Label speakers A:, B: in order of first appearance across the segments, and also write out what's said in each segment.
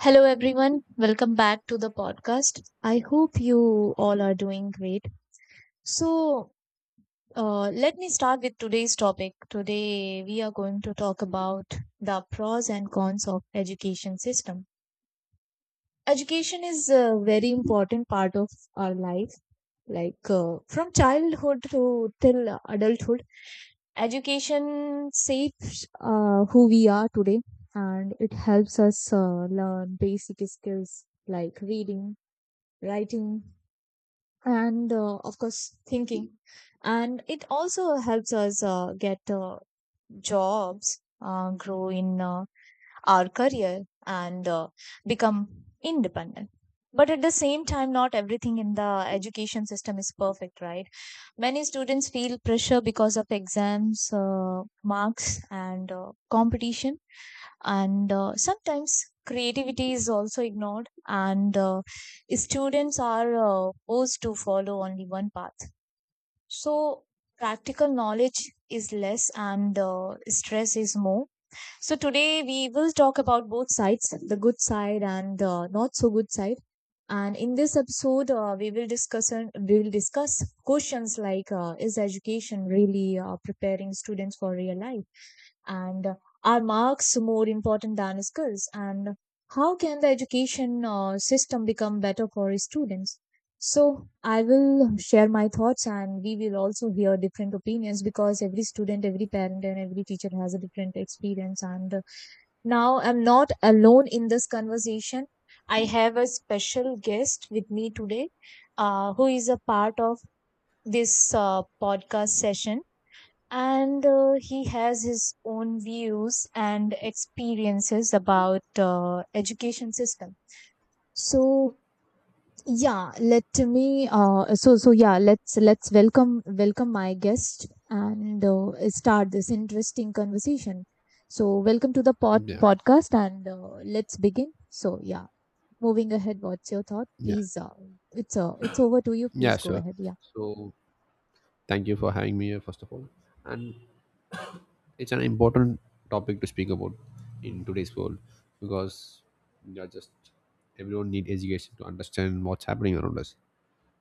A: Hello, everyone. Welcome back to the podcast. I hope you all are doing great. So, Let me start with today's topic. Today, we are going to talk about the pros and cons of education system. Education is a very important part of our life, like from childhood to till adulthood. Education shapes who we are today, and it helps us learn basic skills like reading, writing, and of course thinking. And it also helps us get jobs, grow in our career, and become independent. But at the same time, not everything in the education system is perfect, right? Many students feel pressure because of exams, marks, and competition. And sometimes creativity is also ignored, and students are forced to follow only one path. So practical knowledge is less and stress is more. So today we will talk about both sides, the good side and not so good side. And in this episode we will discuss questions like is education really preparing students for real life, and are marks more important than skills, and how can the education system become better for students? So I will share my thoughts, and we will also hear different opinions, because every student, every parent, and every teacher has a different experience. And uh, now I'm not alone in this conversation. I have a special guest with me today, who is a part of this podcast session, and he has his own views and experiences about education system. So yeah, let me so so yeah, let's welcome welcome my guest and start this interesting conversation. So welcome to the pod
B: Yeah,
A: podcast and let's begin. So yeah, moving ahead, what's your thought?
B: yeah,
A: Please, it's over to you.
B: yeah,
A: Please go
B: sure.
A: ahead. Yeah.
B: So, thank you for having me here, first of all. And it's an important topic to speak about in today's world because we are just everyone need education to understand what's happening around us.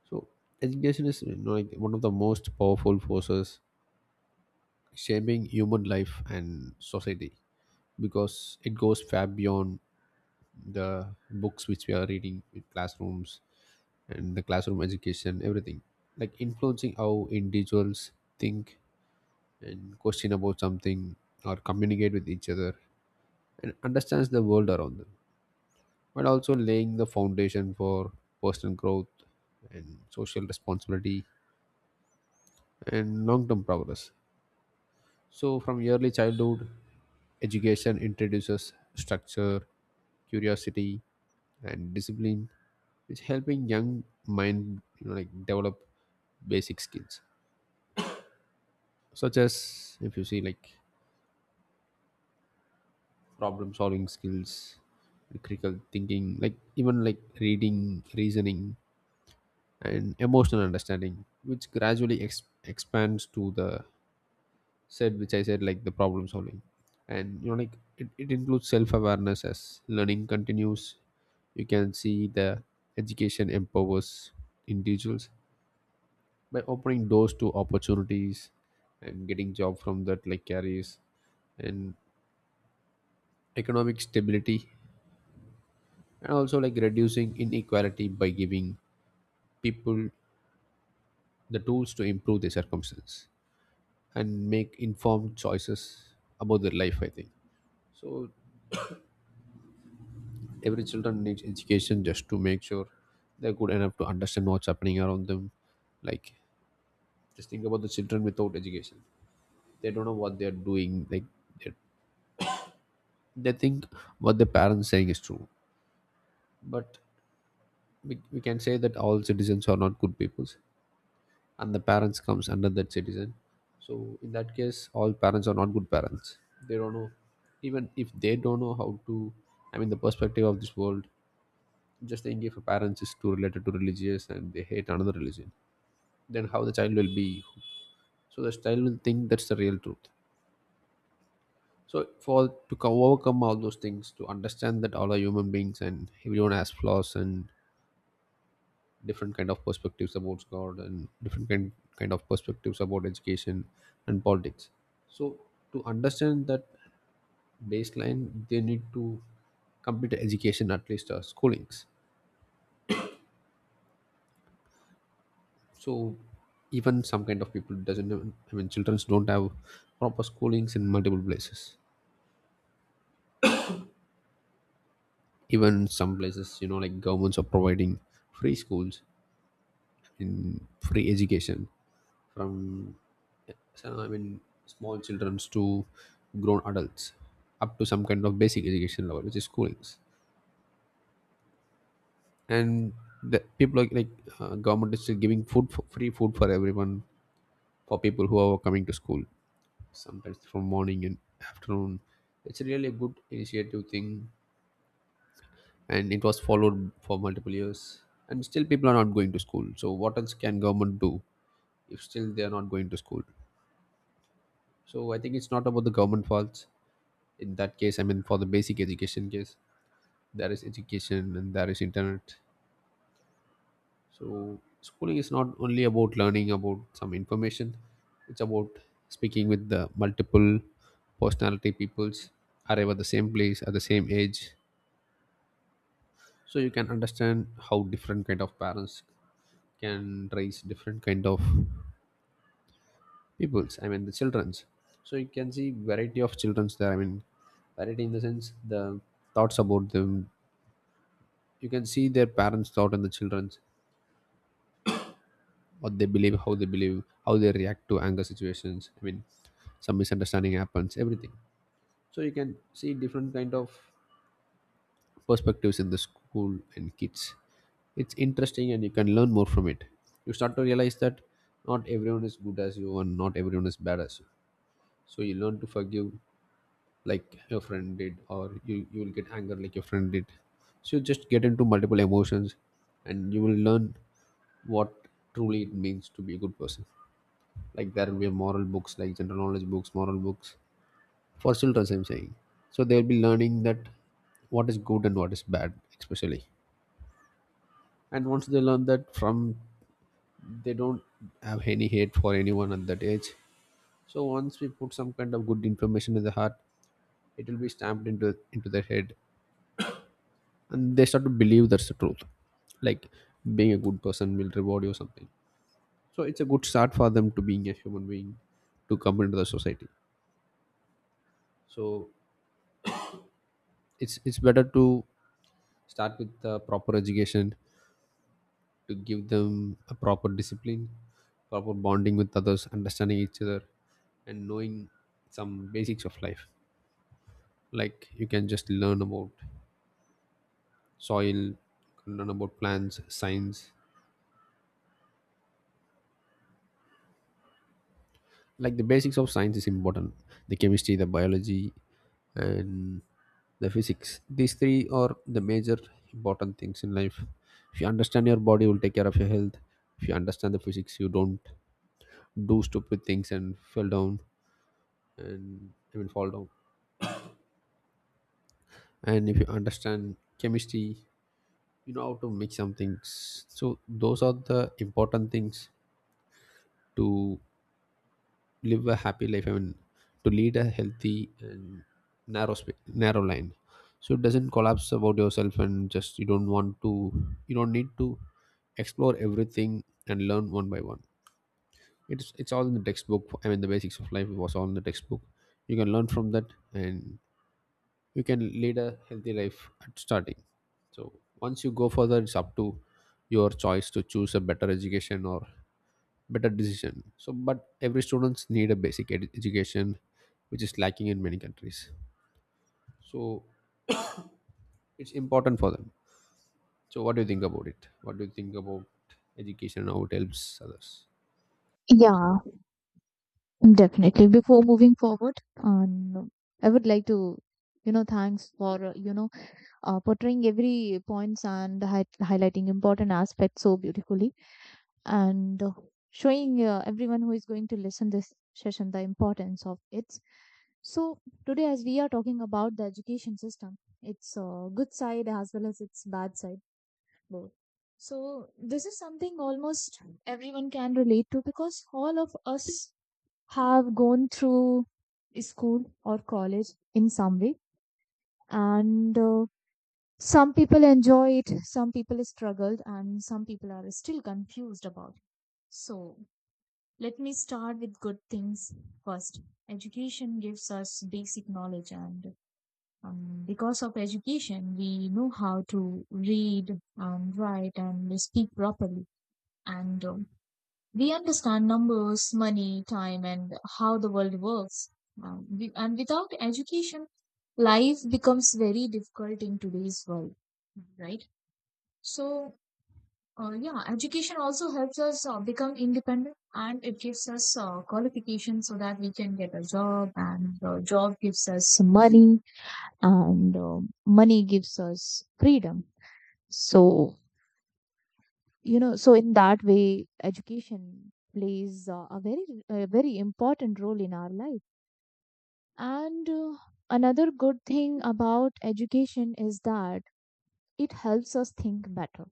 B: So, education is like one of the most powerful forces shaping human life and society, because it goes far beyond the books which we are reading in classrooms and the classroom education, everything, like influencing how individuals think and question about something or communicate with each other and understands the world around them, but also laying the foundation for personal growth and social responsibility and long term progress. So, from early childhood, education introduces structure, curiosity, and discipline, which helping young mind develop basic skills such as, if you see, like problem solving skills, critical thinking, like even like reading, reasoning, and emotional understanding, which gradually expands to the said which I said, like the problem solving, and it includes self-awareness. As learning continues, you can see the education empowers individuals by opening doors to opportunities and getting job from that like carries, and economic stability, and also like reducing inequality by giving people the tools to improve their circumstance and make informed choices about their life, I think. So every children needs education just to make sure they're good enough to understand what's happening around them. Like, just think about the children without education, they don't know what they're doing. Like they, they think what the parents saying is true. But we can say that all citizens are not good peoples, and the parents comes under that citizen. So in that case all parents are not good parents. They don't know, even if they don't know how to, I mean the perspective of this world. Just think, if a parent is too related to religious and they hate another religion, then how the child will be. So the child will think that's the real truth. So for, to overcome all those things, to understand that all are human beings and everyone has flaws and different kind of perspectives about god and different kind of perspectives about education and politics. So to understand that baseline, they need to complete education, at least schoolings. So even some kind of people doesn't I mean children don't have proper schoolings in multiple places. Even some places, governments are providing free schools, in free education, from so, I mean, small childrens to grown adults, up to some kind of basic education level, which is schoolings. And the people, government is still giving free food for everyone, for people who are coming to school, sometimes from morning and afternoon. It's really a good initiative thing, and it was followed for multiple years. And still, people are not going to school. So, what else can government do if still they are not going to school? So, I think it's not about the government faults. In that case, I mean for the basic education case, there is education and there is internet. So schooling is not only about learning about some information, it's about speaking with the multiple personality peoples arrive at the same place at the same age. So you can understand how different kind of parents can raise different kind of peoples, I mean the children's. So you can see variety of children's there, I mean variety in the sense, the thoughts about them. You can see their parents thought and the children's, what they believe, how they believe, how they react to anger situations, I mean some misunderstanding happens, everything. So you can see different kind of perspectives in the school and kids. It's interesting and you can learn more from it. You start to realize that not everyone is good as you, and not everyone is bad as you. So you learn to forgive, like your friend did, or you will get anger like your friend did. So you just get into multiple emotions, and you will learn what truly it means to be a good person. Like, there will be moral books, like general knowledge books, moral books for children, I'm saying. So they'll be learning that what is good and what is bad, especially. And once they learn that from, they don't have any hate for anyone at that age. So once we put some kind of good information in the heart, it will be stamped into their head, and they start to believe that's the truth. Like, being a good person will reward you or something. So it's a good start for them to being a human being, to come into the society. So it's better to start with the proper education, to give them a proper discipline, proper bonding with others, understanding each other, and knowing some basics of life. Like, you can just learn about soil, learn about plants science. Like, the basics of science is important, the chemistry, the biology, and the physics. These three are the major important things in life. If you understand your body, you will take care of your health. If you understand the physics, you don't do stupid things and fell down, and even fall down. And if you understand chemistry, you know how to make some things. So those are the important things to live a happy life, I mean to lead a healthy and narrow narrow line. So it doesn't collapse about yourself, and just, you don't want to, you don't need to explore everything and learn one by one. It's all in the textbook, I mean the basics of life was all in the textbook. You can learn from that, and you can lead a healthy life at starting. So once you go further, it's up to your choice to choose a better education or better decision. So but every students need a basic education, which is lacking in many countries. So it's important for them. So what do you think about it? What do you think about education, how it helps others?
A: Yeah, definitely. Before moving forward, um, I would like to, you know, thanks for, you know, portraying every points and hi highlighting important aspects so beautifully, and showing everyone who is going to listen this session the importance of it. So today, as we are talking about the education system, its good side as well as its bad side, both. So this is something almost everyone can relate to, because all of us have gone through school or college in some way, and some people enjoy it, some people struggled, and some people are still confused about it. So let me start with good things first. Education gives us basic knowledge, and because of education we know how to read and write and speak properly. And we- understand numbers, money, time, and how the world works. We- and without education, life becomes very difficult in today's world, right? So, yeah, education also helps us become independent, and it gives us qualification so that we can get a job, and the job gives us money, and money gives us freedom. So, you know, so in that way education plays a very important role in our life. And another good thing about education is that it helps us think better,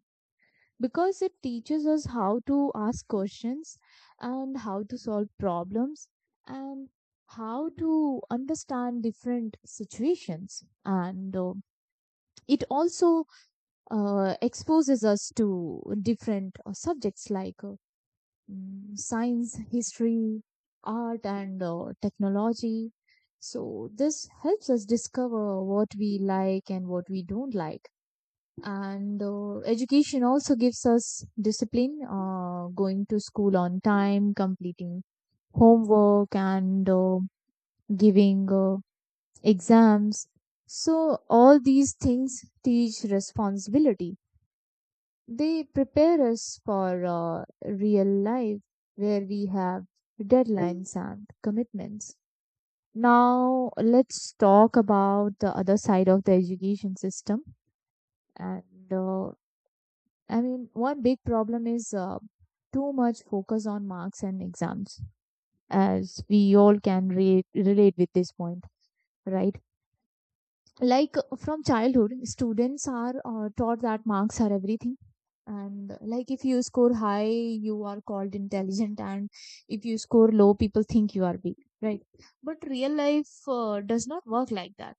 A: because it teaches us how to ask questions and how to solve problems and how to understand different situations. And it also exposes us to different subjects like science, history, art, and technology. So, this helps us discover what we like and what we don't like. And education also gives us discipline, going to school on time, completing homework, and giving exams. So, all these things teach responsibility. They prepare us for real life where we have deadlines and commitments. Now, let's talk about the other side of the education system. And I mean, one big problem is too much focus on marks and exams, as we all can relate with this point, right? Like from childhood students are taught that marks are everything. And like if you score high, you are called intelligent, and if you score low, people think you are weak, right? But real life does not work like that.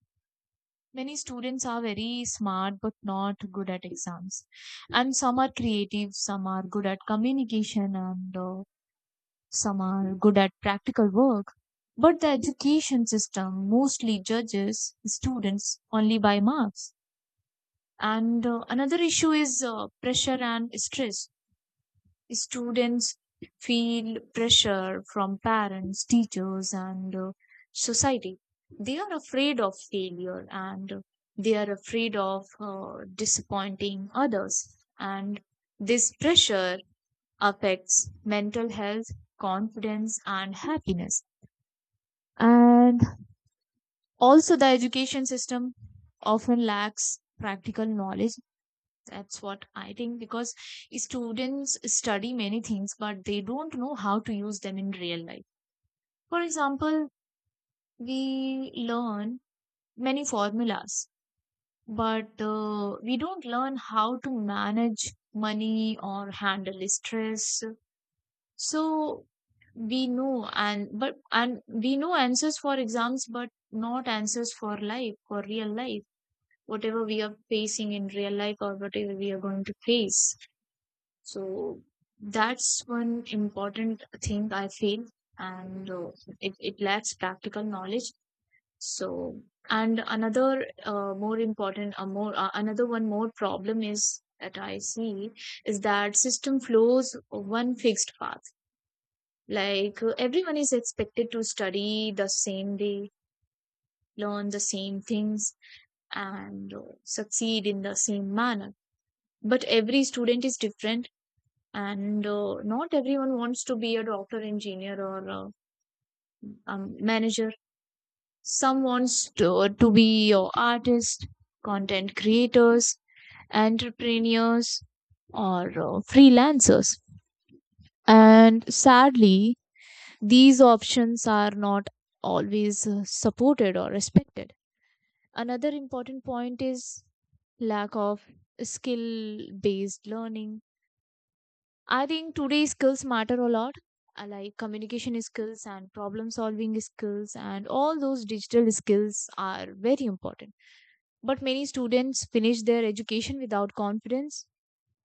A: Many students are very smart but not good at exams, and some are creative, some are good at communication, and some are good at practical work, but the education system mostly judges students only by marks. And another issue is pressure and stress. Students feel pressure from parents, teachers, and society. They are afraid of failure, and they are afraid of disappointing others. And this pressure affects mental health, confidence, and happiness. And also, the education system often lacks practical knowledge, that's what I think, because students study many things, but they don't know how to use them in real life. For example, we learn many formulas, but we don't learn how to manage money or handle stress. So we know, and but, and we know answers for exams, but not answers for life, for real life, whatever we are facing in real life or whatever we are going to face. So that's one important thing I feel, and it lacks practical knowledge. So, and another more important, more another one more problem is that I see is that system flows one fixed path. Like everyone is expected to study the same day, learn the same things, and succeed in the same manner. But every student is different, and not everyone wants to be a doctor, engineer, or manager. Some wants to be your artist, content creators, entrepreneurs, or freelancers. And sadly, these options are not always supported or respected. Another important point is lack of skill based learning. I think today skills matter a lot, like communication skills and problem solving skills, and all those digital skills are very important. But many students finish their education without confidence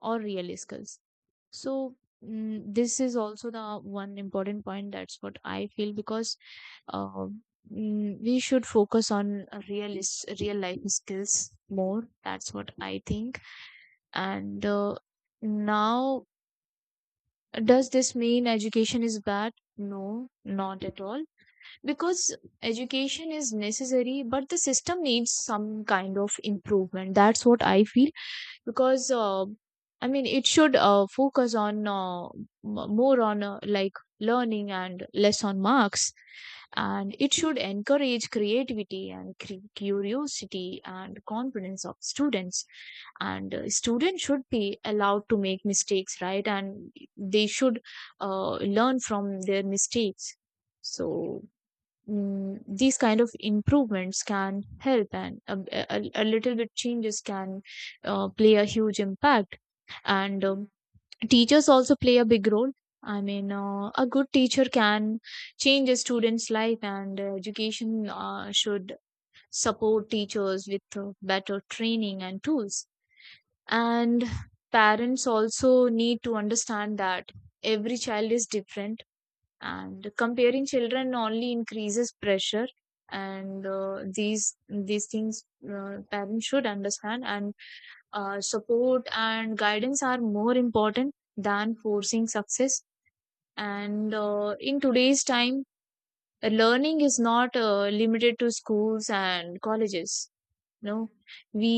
A: or real skills. So, this is also the one important point, that's what I feel, because uh, we should focus on real life skills more. That's what I think. And now does this mean education is bad? No, not at all. Because education is necessary, but the system needs some kind of improvement. That's what I feel, because I mean it should focus more on like learning and less on marks. And it should encourage creativity and curiosity and confidence of students. And students should be allowed to make mistakes, right? And they should learn from their mistakes. So these kind of improvements can help, and a little bit changes can play a huge impact. And teachers also play a big role. I mean, a good teacher can change a student's life, and education should support teachers with better training and tools. And parents also need to understand that every child is different, and comparing children only increases pressure. And these things parents should understand, and support and guidance are more important than forcing success. And in today's time, learning is not limited to schools and colleges. No, we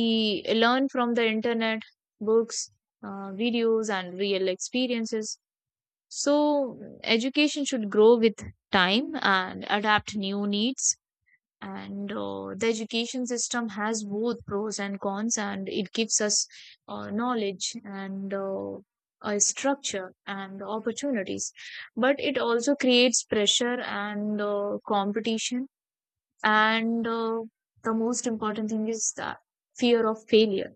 A: learn from the internet, books, videos, and real experiences. So education should grow with time and adapt new needs. And the education system has both pros and cons, and it gives us knowledge and a structure and opportunities. But it also creates pressure and competition. And the most important thing is that fear of failure.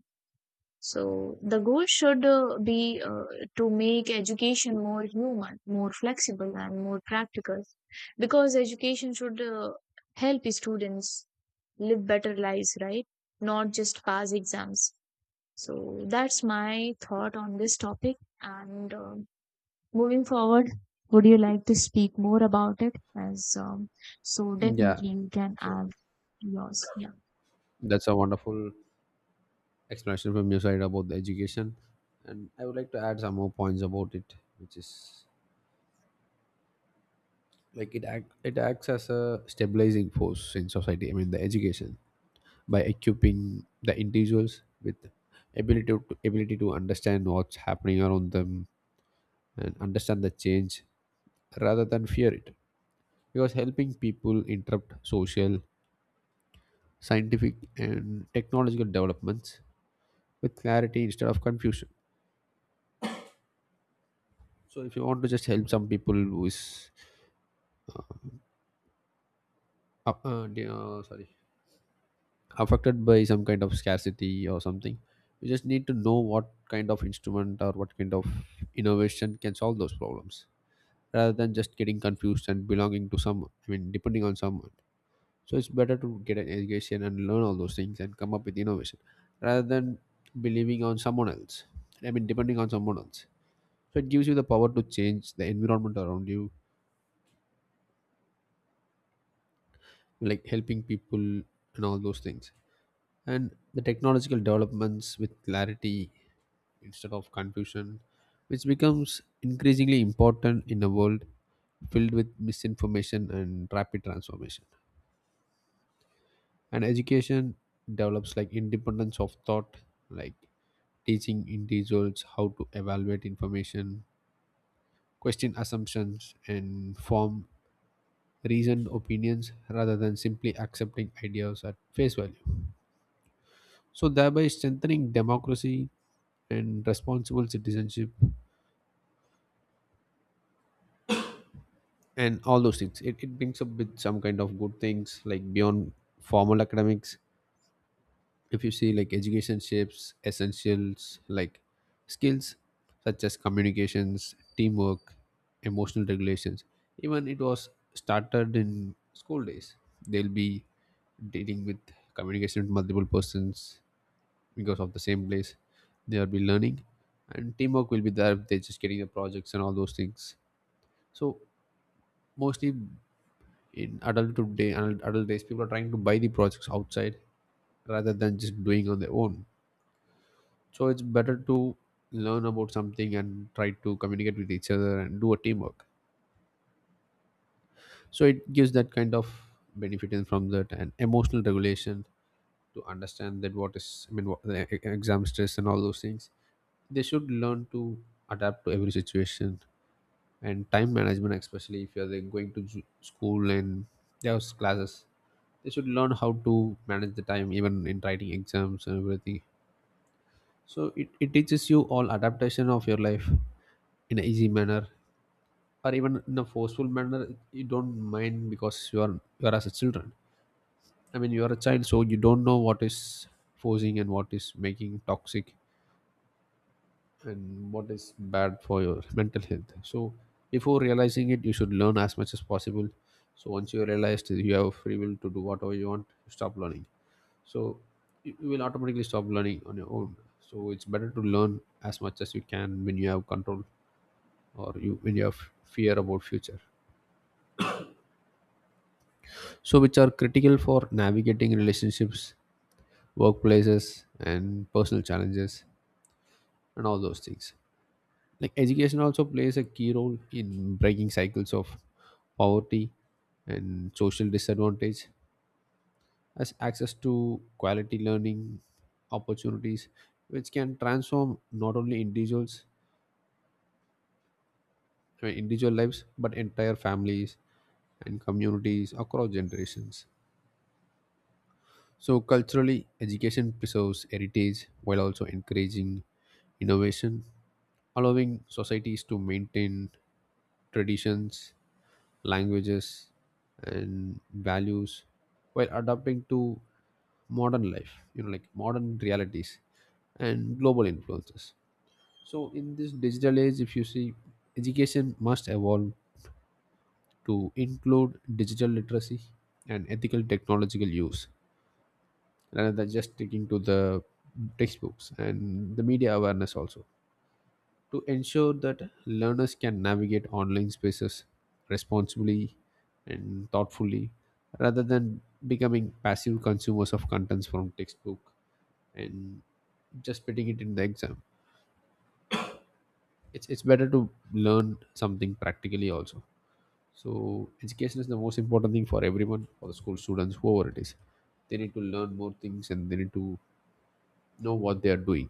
A: So the goal should be to make education more human, more flexible, and more practical, because education should help students live better lives, right? Not just pass exams. So that's my thought on this topic. And moving forward, would you like to speak more about it? As So,
B: Yeah.
A: definitely you can
B: So
A: add yours. Yeah.
B: that's a wonderful explanation from your side about the education, and I would like to add some more points about it, which is, like, it acts as a stabilizing force in society, I mean the education, by equipping the individuals with ability to ability to understand what's happening around them and understand the change rather than fear it, because helping people interrupt social, scientific, and technological developments with clarity instead of confusion. So if you want to just help some people who is uh, sorry, affected by some kind of scarcity or something, you just need to know what kind of instrument or what kind of innovation can solve those problems, rather than just getting confused and belonging to someone, I mean depending on someone. So it's better to get an education and learn all those things and come up with innovation, rather than believing on someone else, I mean depending on someone else. So it gives you the power to change the environment around you, like helping people and all those things, and the technological developments with clarity instead of confusion, which becomes increasingly important in a world filled with misinformation and rapid transformation. And education develops like independence of thought, like teaching individuals how to evaluate information, question assumptions, and form reasoned opinions rather than simply accepting ideas at face value, so thereby strengthening democracy and responsible citizenship. And all those things, it brings up with some kind of good things, like beyond formal academics. If you see, like, education shapes essentials like skills, such as communications, teamwork, emotional regulations. Even it was started in school days, they'll be dealing with communication with multiple persons. Because of the same place, they'll be learning, and teamwork will be there if they're just getting the projects and all those things. So mostly, in adult today adult adult days, people are trying to buy the projects outside rather than just doing on their own. So it's better to learn about something and try to communicate with each other and do a teamwork. So it gives that kind of benefit in from that. And emotional regulation, to understand that what is, I mean what, the exam stress and all those things, they should learn to adapt to every situation. And time management, especially if you're, like, going to school and there's classes, they should learn how to manage the time even in writing exams and everything. So it teaches you all adaptation of your life in an easy manner, or even in a forceful manner. You don't mind, because you are as a children, I mean you are a child, so you don't know what is forcing and what is making toxic and what is bad For your mental health. So before realizing it you should learn as much as possible. So once you realize that you have free will to do whatever you want you stop learning. So you will automatically stop learning on your own. So it's better to learn as much as you can when you have control, or you when you have fear about future, so which are critical for navigating relationships, workplaces, and personal challenges and all those things. Like, education also plays a key role in breaking cycles of poverty and social disadvantage, as access to quality learning opportunities which can transform not only individuals, I mean, individual lives, but entire families and communities across generations. So, culturally, education preserves heritage while also encouraging innovation, allowing societies to maintain traditions, languages, and values while adapting to modern life, you know, like modern realities and global influences. So, in this digital age, if you see, education must evolve to include digital literacy and ethical technological use rather than just sticking to the textbooks, and the media awareness also, to ensure that learners can navigate online spaces responsibly and thoughtfully rather than becoming passive consumers of contents from textbook and just putting it in the exam. It's better to learn something practically also. So education is the most important thing for everyone, for the school students, whoever it is. They need to learn more things and they need to know what they are doing.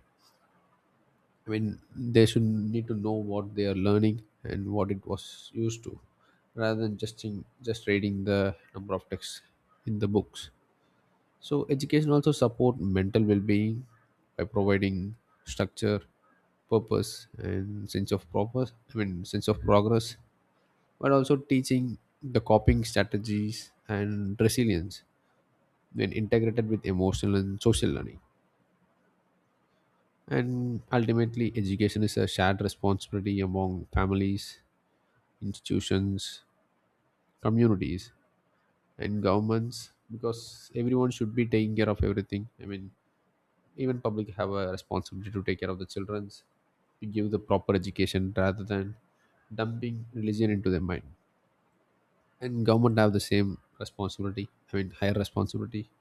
B: I mean, they should need to know what they are learning and what it was used to, rather than just reading the number of texts in the books. So education also support mental well-being by providing structure, purpose, and sense of purpose. I mean, sense of progress, but also teaching the coping strategies and resilience when integrated with emotional and social learning. And ultimately, education is a shared responsibility among families, institutions, communities, and governments, because everyone should be taking care of everything. I mean, even public have a responsibility to take care of the children's, to give the proper education rather than dumping religion into their mind. And government have the same responsibility. I mean, higher responsibility,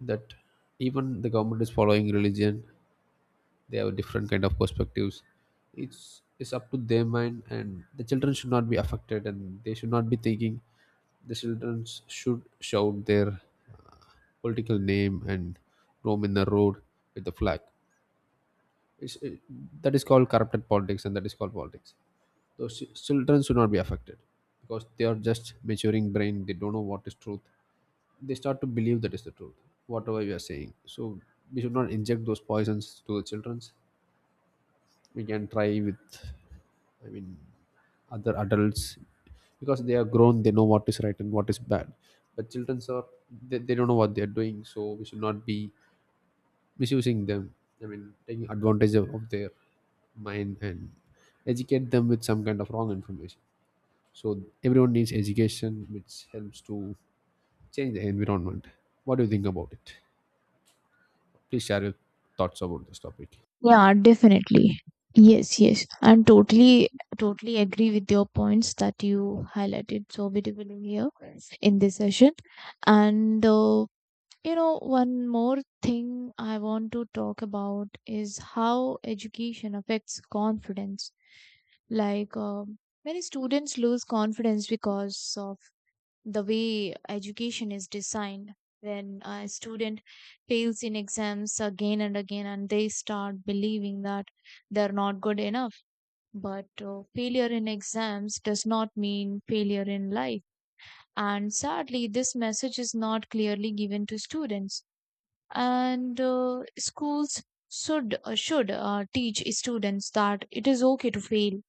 B: that even the government is following religion, they have different kind of perspectives. It's up to their mind, and the children should not be affected and they should not be thinking the children should shout their political name and roam in the road with the flag. It, that is called corrupted politics and that is called politics. Those children should not be affected because they are just maturing brain, they don't know what is truth. They start to believe that is the truth, whatever we are saying. So we should not inject those poisons to the childrens. We can try with, I mean, other adults, because they are grown, they know what is right and what is bad. But children are, they don't know what they are doing, so we should not be misusing them. I mean, taking advantage of their mind and educate them with some kind of wrong information. So everyone needs education, which helps to change the environment. What do you think about it? Please share your thoughts about this topic.
A: Yeah, definitely. Yes, yes. I'm totally agree with your points that you highlighted so beautifully here in this session. And, you know, one more thing I want to talk about is how education affects confidence. Like, many students lose confidence because of the way education is designed. When a student fails in exams again and again, and they start believing that they're not good enough. But failure in exams does not mean failure in life, and sadly this message is not clearly given to students. And schools should teach students that it is okay to fail,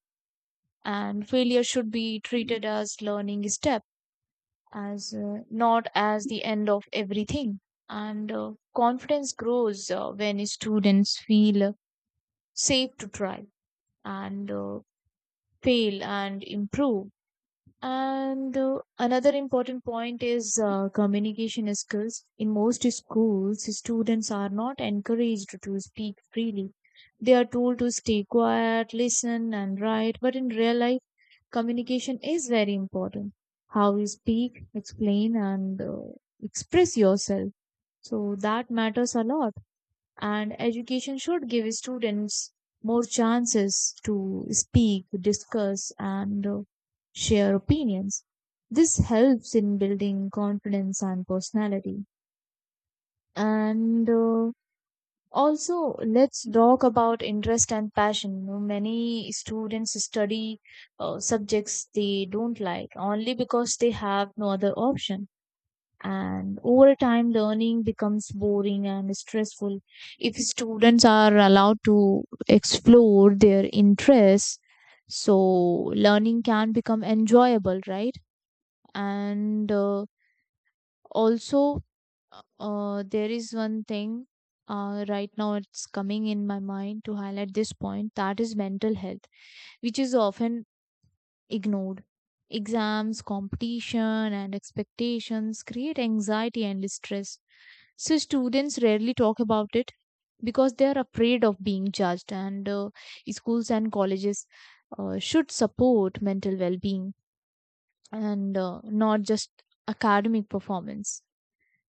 A: and failure should be treated as learning step, as not as the end of everything. And confidence grows when students feel safe to try and fail and improve. And another important point is communication skills. In most schools, students are not encouraged to speak freely. They are told to stay quiet, listen, and write. But in real life, communication is very important. How you speak, explain, and express yourself. So that matters a lot. And education should give students more chances to speak, discuss, and share opinions. This helps in building confidence and personality. And also, let's talk about interest and passion. You know, many students study subjects they don't like only because they have no other option. And over time, learning becomes boring and stressful. If students are allowed to explore their interests, so learning can become enjoyable, right? And also, there is one thing right now it's coming in my mind to highlight this point, that is mental health, which is often ignored. Exams, competition, and expectations create anxiety and stress. So, students rarely talk about it because they are afraid of being judged, and schools and colleges should support mental well being, and not just academic performance.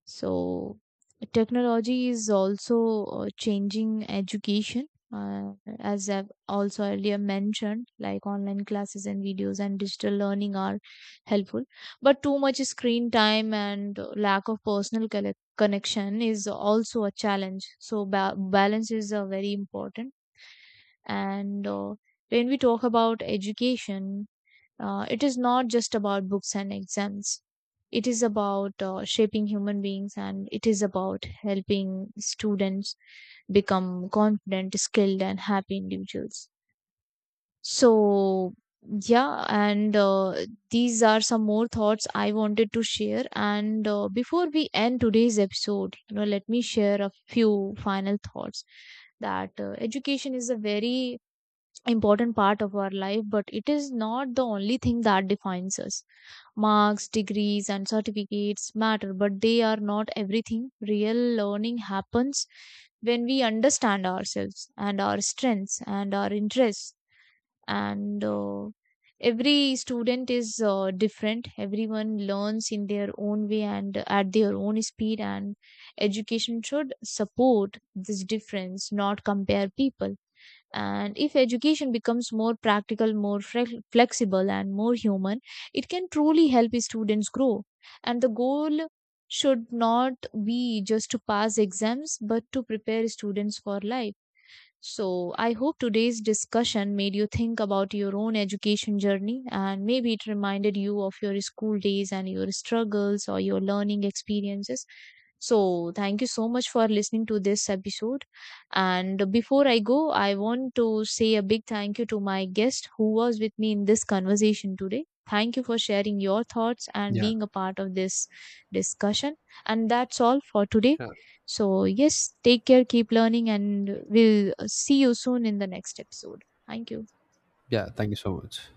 A: So technology is also changing education. Uh, as I've also earlier mentioned, like online classes and videos and digital learning are helpful, but too much screen time and lack of personal connection is also a challenge. So balance is very important. And when we talk about education, it is not just about books and exams. It is about shaping human beings, and it is about helping students become confident, skilled, and happy individuals. So, yeah, and these are some more thoughts I wanted to share. And before we end today's episode, you know, let me share a few final thoughts, that education is a very important part of our life, but it is not the only thing that defines us. Marks, degrees, and certificates matter, but they are not everything. Real learning happens when we understand ourselves and our strengths and our interests. And every student is different, everyone learns in their own way and at their own speed, and education should support this difference, not compare people. And if education becomes more practical, more flexible, and more human, it can truly help students grow. And the goal should not be just to pass exams, but to prepare students for life. So, I hope today's discussion made you think about your own education journey, and maybe it reminded you of your school days and your struggles or your learning experiences. So, thank you so much for listening to this episode. And before I go, I want to say a big thank you to my guest who was with me in this conversation today. Thank you for sharing your thoughts and
B: Yeah.
A: being a part of this discussion. And that's all for today.
B: Yeah.
A: So, yes, take care, keep learning, and we'll see you soon in the next episode. Thank you.
B: Yeah. Thank you so much.